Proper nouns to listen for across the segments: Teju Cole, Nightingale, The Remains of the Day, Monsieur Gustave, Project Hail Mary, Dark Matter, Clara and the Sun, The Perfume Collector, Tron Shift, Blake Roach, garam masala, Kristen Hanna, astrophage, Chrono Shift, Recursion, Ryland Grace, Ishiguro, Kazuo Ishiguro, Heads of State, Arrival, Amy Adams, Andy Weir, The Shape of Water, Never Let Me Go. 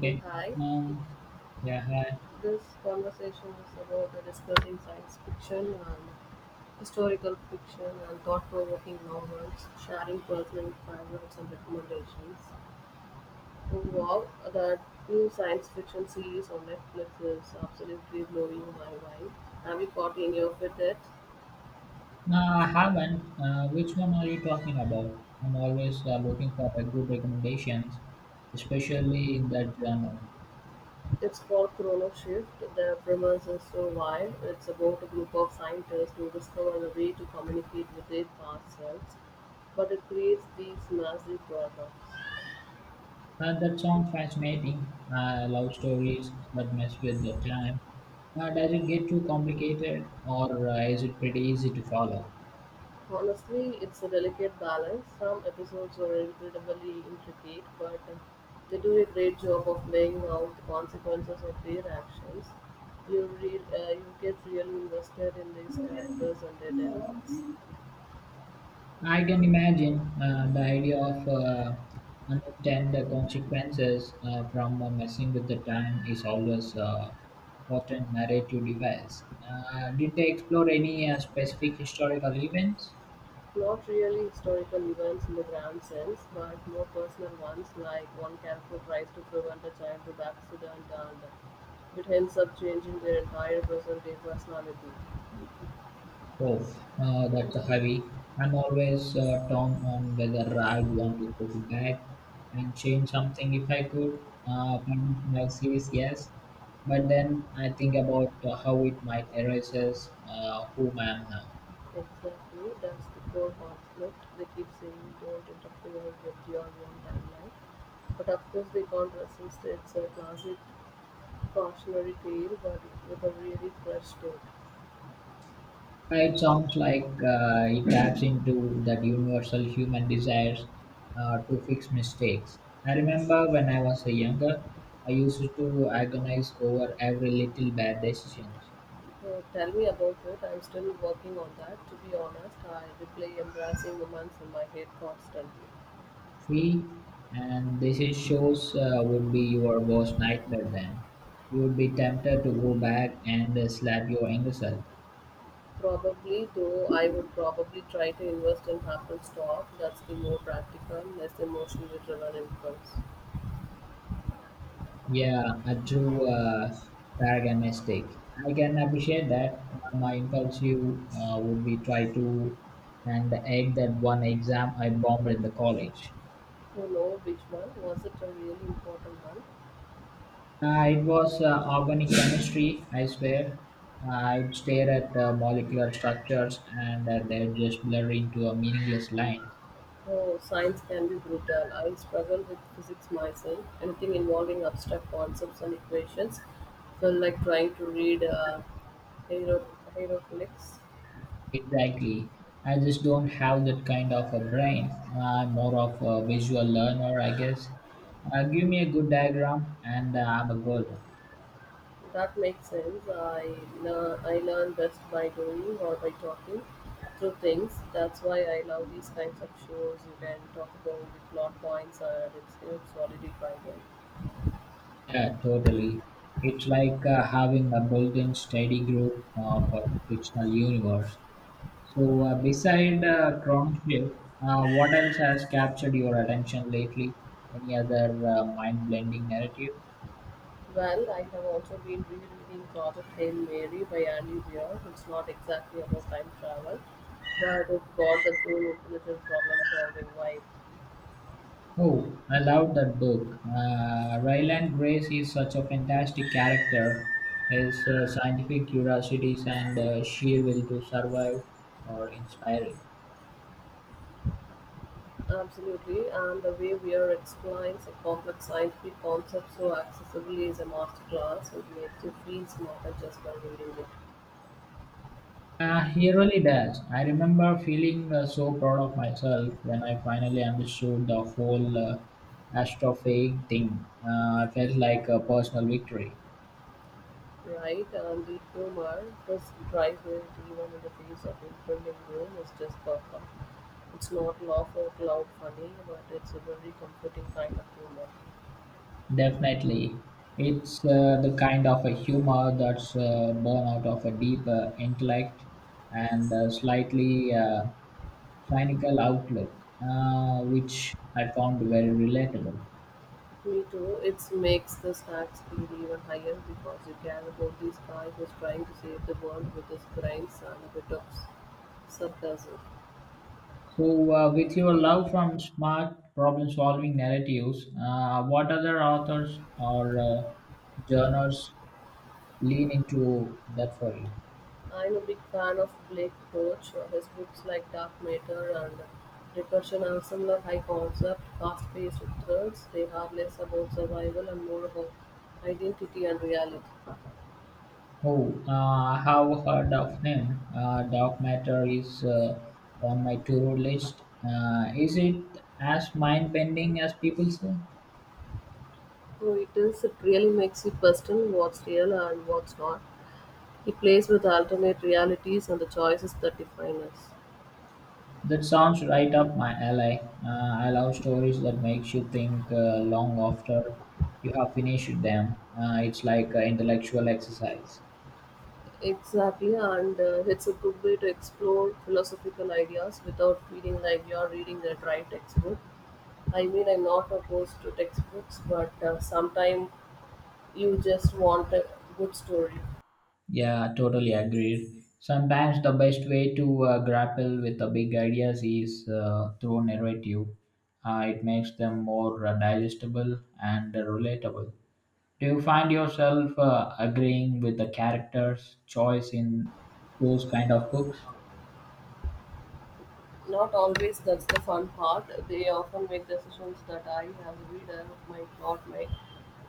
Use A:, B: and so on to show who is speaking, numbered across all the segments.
A: Hey, hi.
B: Um, yeah, hi.
A: This conversation is about discussing science fiction and historical fiction and thought provoking novels, sharing personal favorites and recommendations. Oh, wow, that new science fiction series on Netflix is absolutely blowing my mind. Have you caught any of it yet?
B: No, I haven't. Which one are you talking about? I'm always looking for a good recommendations, especially in that genre.
A: It's called Chrono Shift. The premise is so wild. It's about a group of scientists who discover a way to communicate with their past selves, but it creates these massive problems.
B: That sounds fascinating. I love stories that mess with the time. Does it get too complicated, or is it pretty easy to follow?
A: Honestly, it's a delicate balance. Some episodes are incredibly intricate, but they do a great job of laying out the consequences of their actions. You read, you get really invested in these characters and their dilemmas.
B: I can imagine the idea of unintended consequences from messing with the time is always a potent narrative device. Did they explore any specific historical events?
A: Not really historical events in the grand sense, but more personal ones, like one character tries to prevent a childhood accident and it ends up changing their entire present day personality.
B: Oh, that's a heavy. I'm always torn on whether I'd want to go back and change something if I could. Part of my says yes, but then I think about how it might erases whom I am now.
A: Exactly, that's the core conflict. They keep saying don't interfere with your own timeline. But of course, they can't resist. It's a classic cautionary tale, but with a really fresh take.
B: It sounds like it taps into that universal human desires to fix mistakes. I remember when I was a younger, I used to agonize over every little bad decision.
A: Tell me about it. I'm still working on that. To be honest, I replay embracing romance in my head constantly.
B: See, and this is shows would be your worst nightmare then. You would be tempted to go back and slap your younger self.
A: Probably, though, I would probably try to invest in Apple stock. That's the more practical, less emotionally driven impulse.
B: Yeah, I true paradigm mistake. I can appreciate that. My impulsive would be try to and egg that one exam I bombed in the college.
A: You know which one? Was it a really important one?
B: It was organic chemistry, I swear. I'd stare at molecular structures and they'd just blur into a meaningless line.
A: Oh, science can be brutal. I struggle with physics myself. Anything involving abstract concepts and equations felt like trying to read hiero- hieroglyphs.
B: Exactly. I just don't have that kind of a brain. I'm more of a visual learner, I guess. Give me a good diagram and I'm a good.
A: That makes sense. I learn best by doing or by talking through things. That's why I love these kinds of shows. You can talk about the plot points and it's helps solidify them.
B: Yeah, totally. It's like having a built-in study group for the fictional universe. So, beside Tron Shift, what else has captured your attention lately? Any other mind-blending narrative?
A: Well, I have also been rereading Project Hail Mary by Andy Weir. It's not exactly about time travel, but it's got the cool alternative problem solving vibe.
B: Oh, I love that book. Ryland Grace is such a fantastic character. His scientific curiosities and sheer will to survive are inspiring.
A: Absolutely, and the way Weir explains a complex scientific concept so accessibly is a masterclass. It makes you feel smarter just by reading it.
B: He really does. I remember feeling so proud of myself when I finally understood the whole astrophage thing. I felt like a personal victory.
A: Right, and the humor, this drive it even in the face of impending doom, is just perfect. It's not laugh out loud funny, but it's a very comforting kind of humor.
B: Definitely. It's the kind of a humor that's born out of a deep intellect and slightly cynical outlook, which I found very relatable.
A: Me too. It makes the snack speed even higher because you care about this guy who's trying to save the world with his brains and a bit of sarcasm.
B: So, with your love from smart problem solving narratives, what other authors or journals lean into that for you?
A: I'm a big fan of Blake Roach. His books like Dark Matter and Recursion are similar high concept, fast paced thrills. They are less about survival and more about identity and reality.
B: Oh, I have heard of him. Dark Matter is on my to-do list. Is it as mind-bending as people say?
A: So it is, it really makes you question what's real and what's not. He plays with alternate realities and the choices that define us.
B: That sounds right up my alley. I love stories that makes you think long after you have finished them. It's like intellectual exercise.
A: Exactly, and it's a good way to explore philosophical ideas without feeling like you're reading a dry textbook. I mean, I'm not opposed to textbooks, but sometimes you just want a good story.
B: Yeah, totally agreed. Sometimes the best way to grapple with the big ideas is through narrative. It makes them more digestible and relatable. Do you find yourself agreeing with the characters' choice in those kind of books?
A: Not always that's the fun part. They often make decisions that I, as a reader, might not make,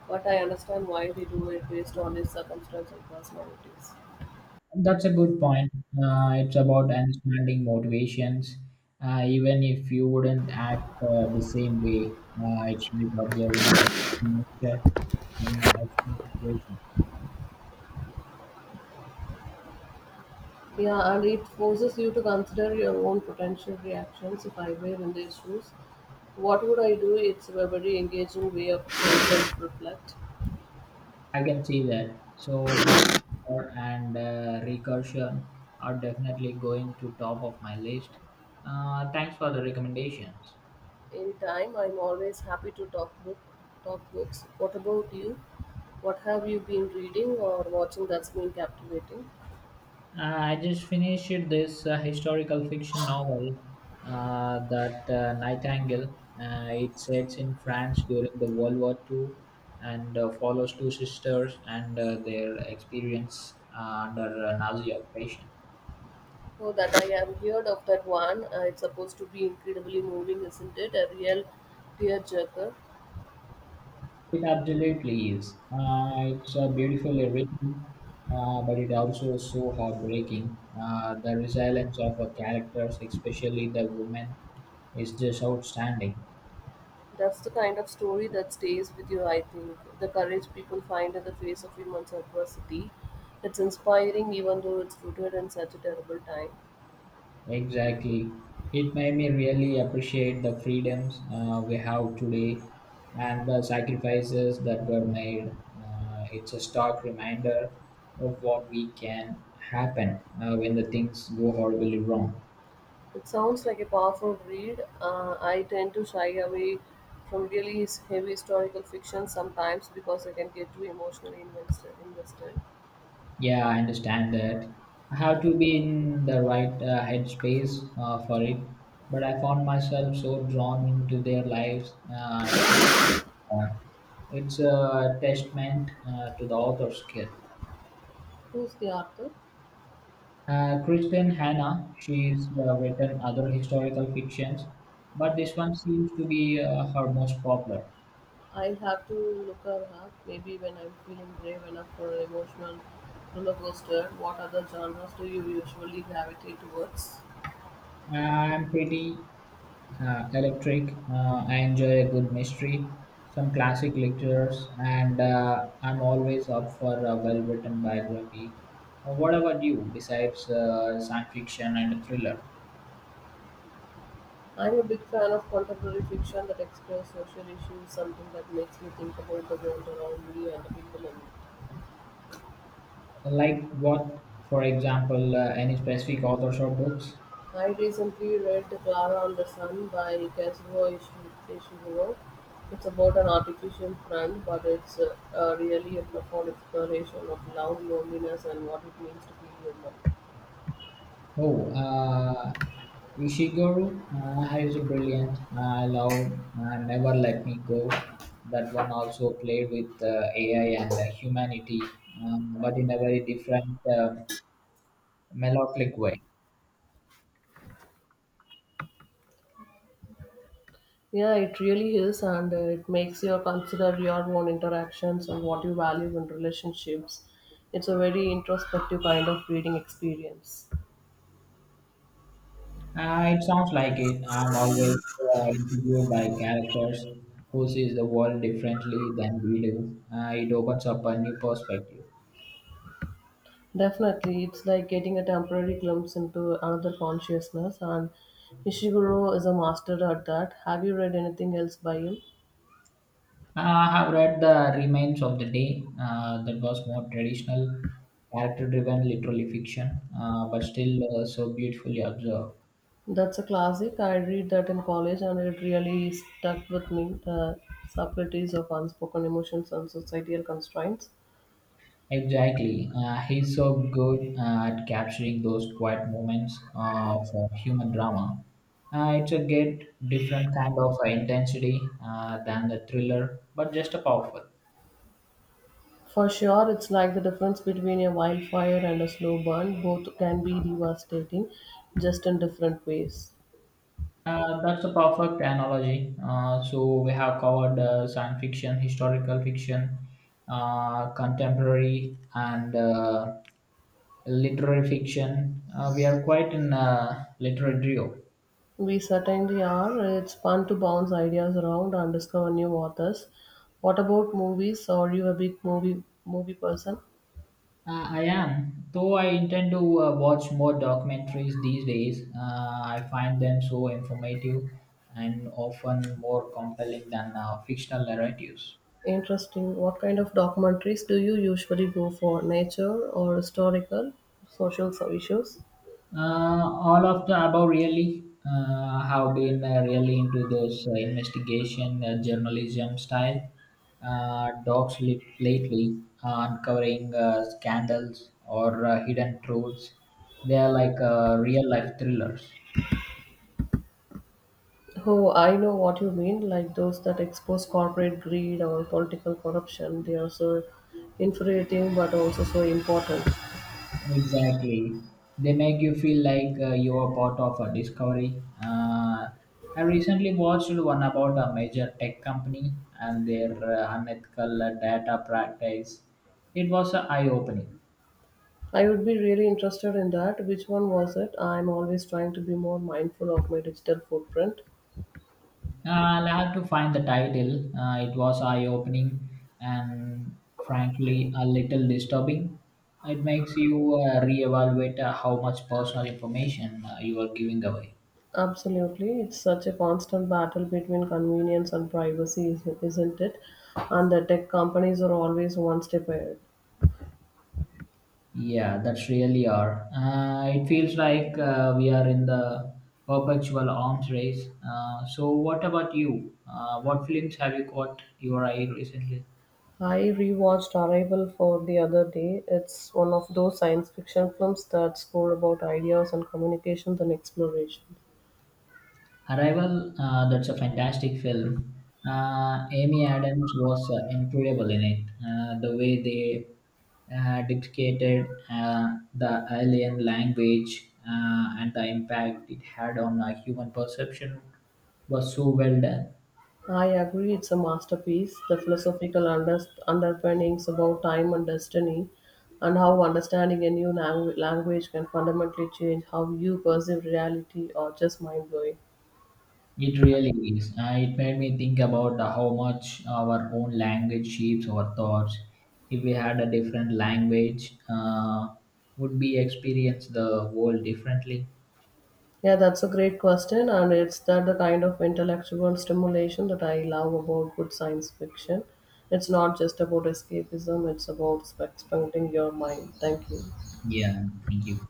A: but I understand why they do it based on their circumstance and personalities.
B: That's a good point. It's about understanding motivations, even if you wouldn't act the same way. It's like observing the nature in an extreme situation.
A: Yeah, and it forces you to consider your own potential reactions. If I were in their shoes, what would I do? It's a very engaging way of self-reflect.
B: I can see that. So Dark and Recursion are definitely going to top of my list. Thanks for the recommendations.
A: In time, I'm always happy to talk books. What about you? What have you been reading or watching that's been captivating?
B: Uh, I just finished this historical fiction novel that Nightingale. It sets in France during the World War Two, and follows two sisters and their experience under Nazi occupation.
A: Oh, that I have heard of that one. It's supposed to be incredibly moving, isn't it? A real tearjerker.
B: It absolutely is. It's beautifully written, but it also is so heartbreaking. The resilience of her characters, especially the woman, is just outstanding.
A: That's the kind of story that stays with you, I think. The courage people find in the face of immense adversity. It's inspiring, even though it's rooted in such a terrible time.
B: Exactly. It made me really appreciate the freedoms we have today and the sacrifices that were made. It's a stark reminder of what we can happen when the things go horribly wrong.
A: It sounds like a powerful read. I tend to shy away from really heavy historical fiction sometimes because I can get too emotionally invested.
B: Yeah, I understand that. I have to be in the right headspace for it, but I found myself so drawn into their lives. I could, uh, it's a testament to the author's skill.
A: Who's the author?
B: Kristen Hanna, she's written other historical fictions, but this one seems to be her most popular.
A: I'll have to look her up. Maybe when I'm feeling brave enough for an emotional roller coaster. What other genres do you usually gravitate towards?
B: I'm pretty electric. I enjoy a good mystery, some classic lectures, and I'm always up for a well written biography. What about you, besides science fiction and thriller?
A: I'm a big fan of contemporary fiction that explores social issues, something that makes me think about the world around me and the people in it.
B: Like what, for example, any specific authors or books?
A: I recently read Clara and the Sun by Ishiguro. It's about an artificial friend, but it's really a profound exploration of love, loneliness, and what it means to be human.
B: Oh, Ishiguro is brilliant. I love Never Let Me Go. That one also played with AI and humanity, but in a very different melodic way.
A: Yeah, it really is, and it makes you consider your own interactions and what you value in relationships. It's a very introspective kind of reading experience.
B: It sounds like it. I'm always intrigued by characters who sees the world differently than we do. It opens up a new perspective.
A: Definitely, it's like getting a temporary glimpse into another consciousness, and Ishiguro is a master at that. Have you read anything else by him?
B: Uh, I have read The Remains of the Day that was more traditional, character driven literary fiction, but still so beautifully observed.
A: That's a classic. I read that in college, and it really stuck with me the subtleties of unspoken emotions and societal constraints.
B: Exactly. He's so good at capturing those quiet moments for human drama. It's a get different kind of intensity than the thriller, but just a powerful.
A: For sure, it's like the difference between a wildfire and a slow burn. Both can be devastating, just in different ways.
B: That's a perfect analogy. So we have covered science fiction, historical fiction, contemporary, and literary fiction. We are quite in literary duo.
A: We certainly are. It's fun to bounce ideas around and discover new authors. What about movies? Are you a big movie person?
B: I am, though I intend to watch more documentaries these days. I find them so informative and often more compelling than fictional narratives.
A: Interesting. What kind of documentaries do you usually go for? Nature or historical, social issues?
B: Uh, all of the above really have been really into those investigation journalism style docs lately, uncovering scandals or hidden truths. They are like real life thrillers.
A: Oh, I know what you mean, like those that expose corporate greed or political corruption. They are so infuriating but also so important.
B: Exactly. They make you feel like you are part of a discovery. I recently watched one about a major tech company and their unethical data practice. It was eye opening.
A: I would be really interested in that. Which one was it? I'm always trying to be more mindful of my digital footprint.
B: I'll have to find the title. It was eye opening and frankly a little disturbing. It makes you reevaluate how much personal information you are giving away.
A: Absolutely. It's such a constant battle between convenience and privacy, isn't it? And the tech companies are always one step ahead.
B: Yeah, that's really are. It feels like we are in the perpetual arms race. So, what about you? What films have you caught your eye recently?
A: I rewatched Arrival for the other day. It's one of those science fiction films that score about ideas and communications and exploration.
B: Arrival, that's a fantastic film. Amy Adams was incredible in it. The way they dictated the alien language and the impact it had on a human perception was so well done.
A: I agree, it's a masterpiece. The philosophical underpinnings about time and destiny, and how understanding a new language can fundamentally change how you perceive reality, or just mind blowing.
B: It really is. It made me think about how much our own language shapes our thoughts. If we had a different language, would we experience the world differently?
A: Yeah, that's a great question, and it's that the kind of intellectual stimulation that I love about good science fiction. It's not just about escapism; it's about expanding your mind. Thank you.
B: Yeah, thank you.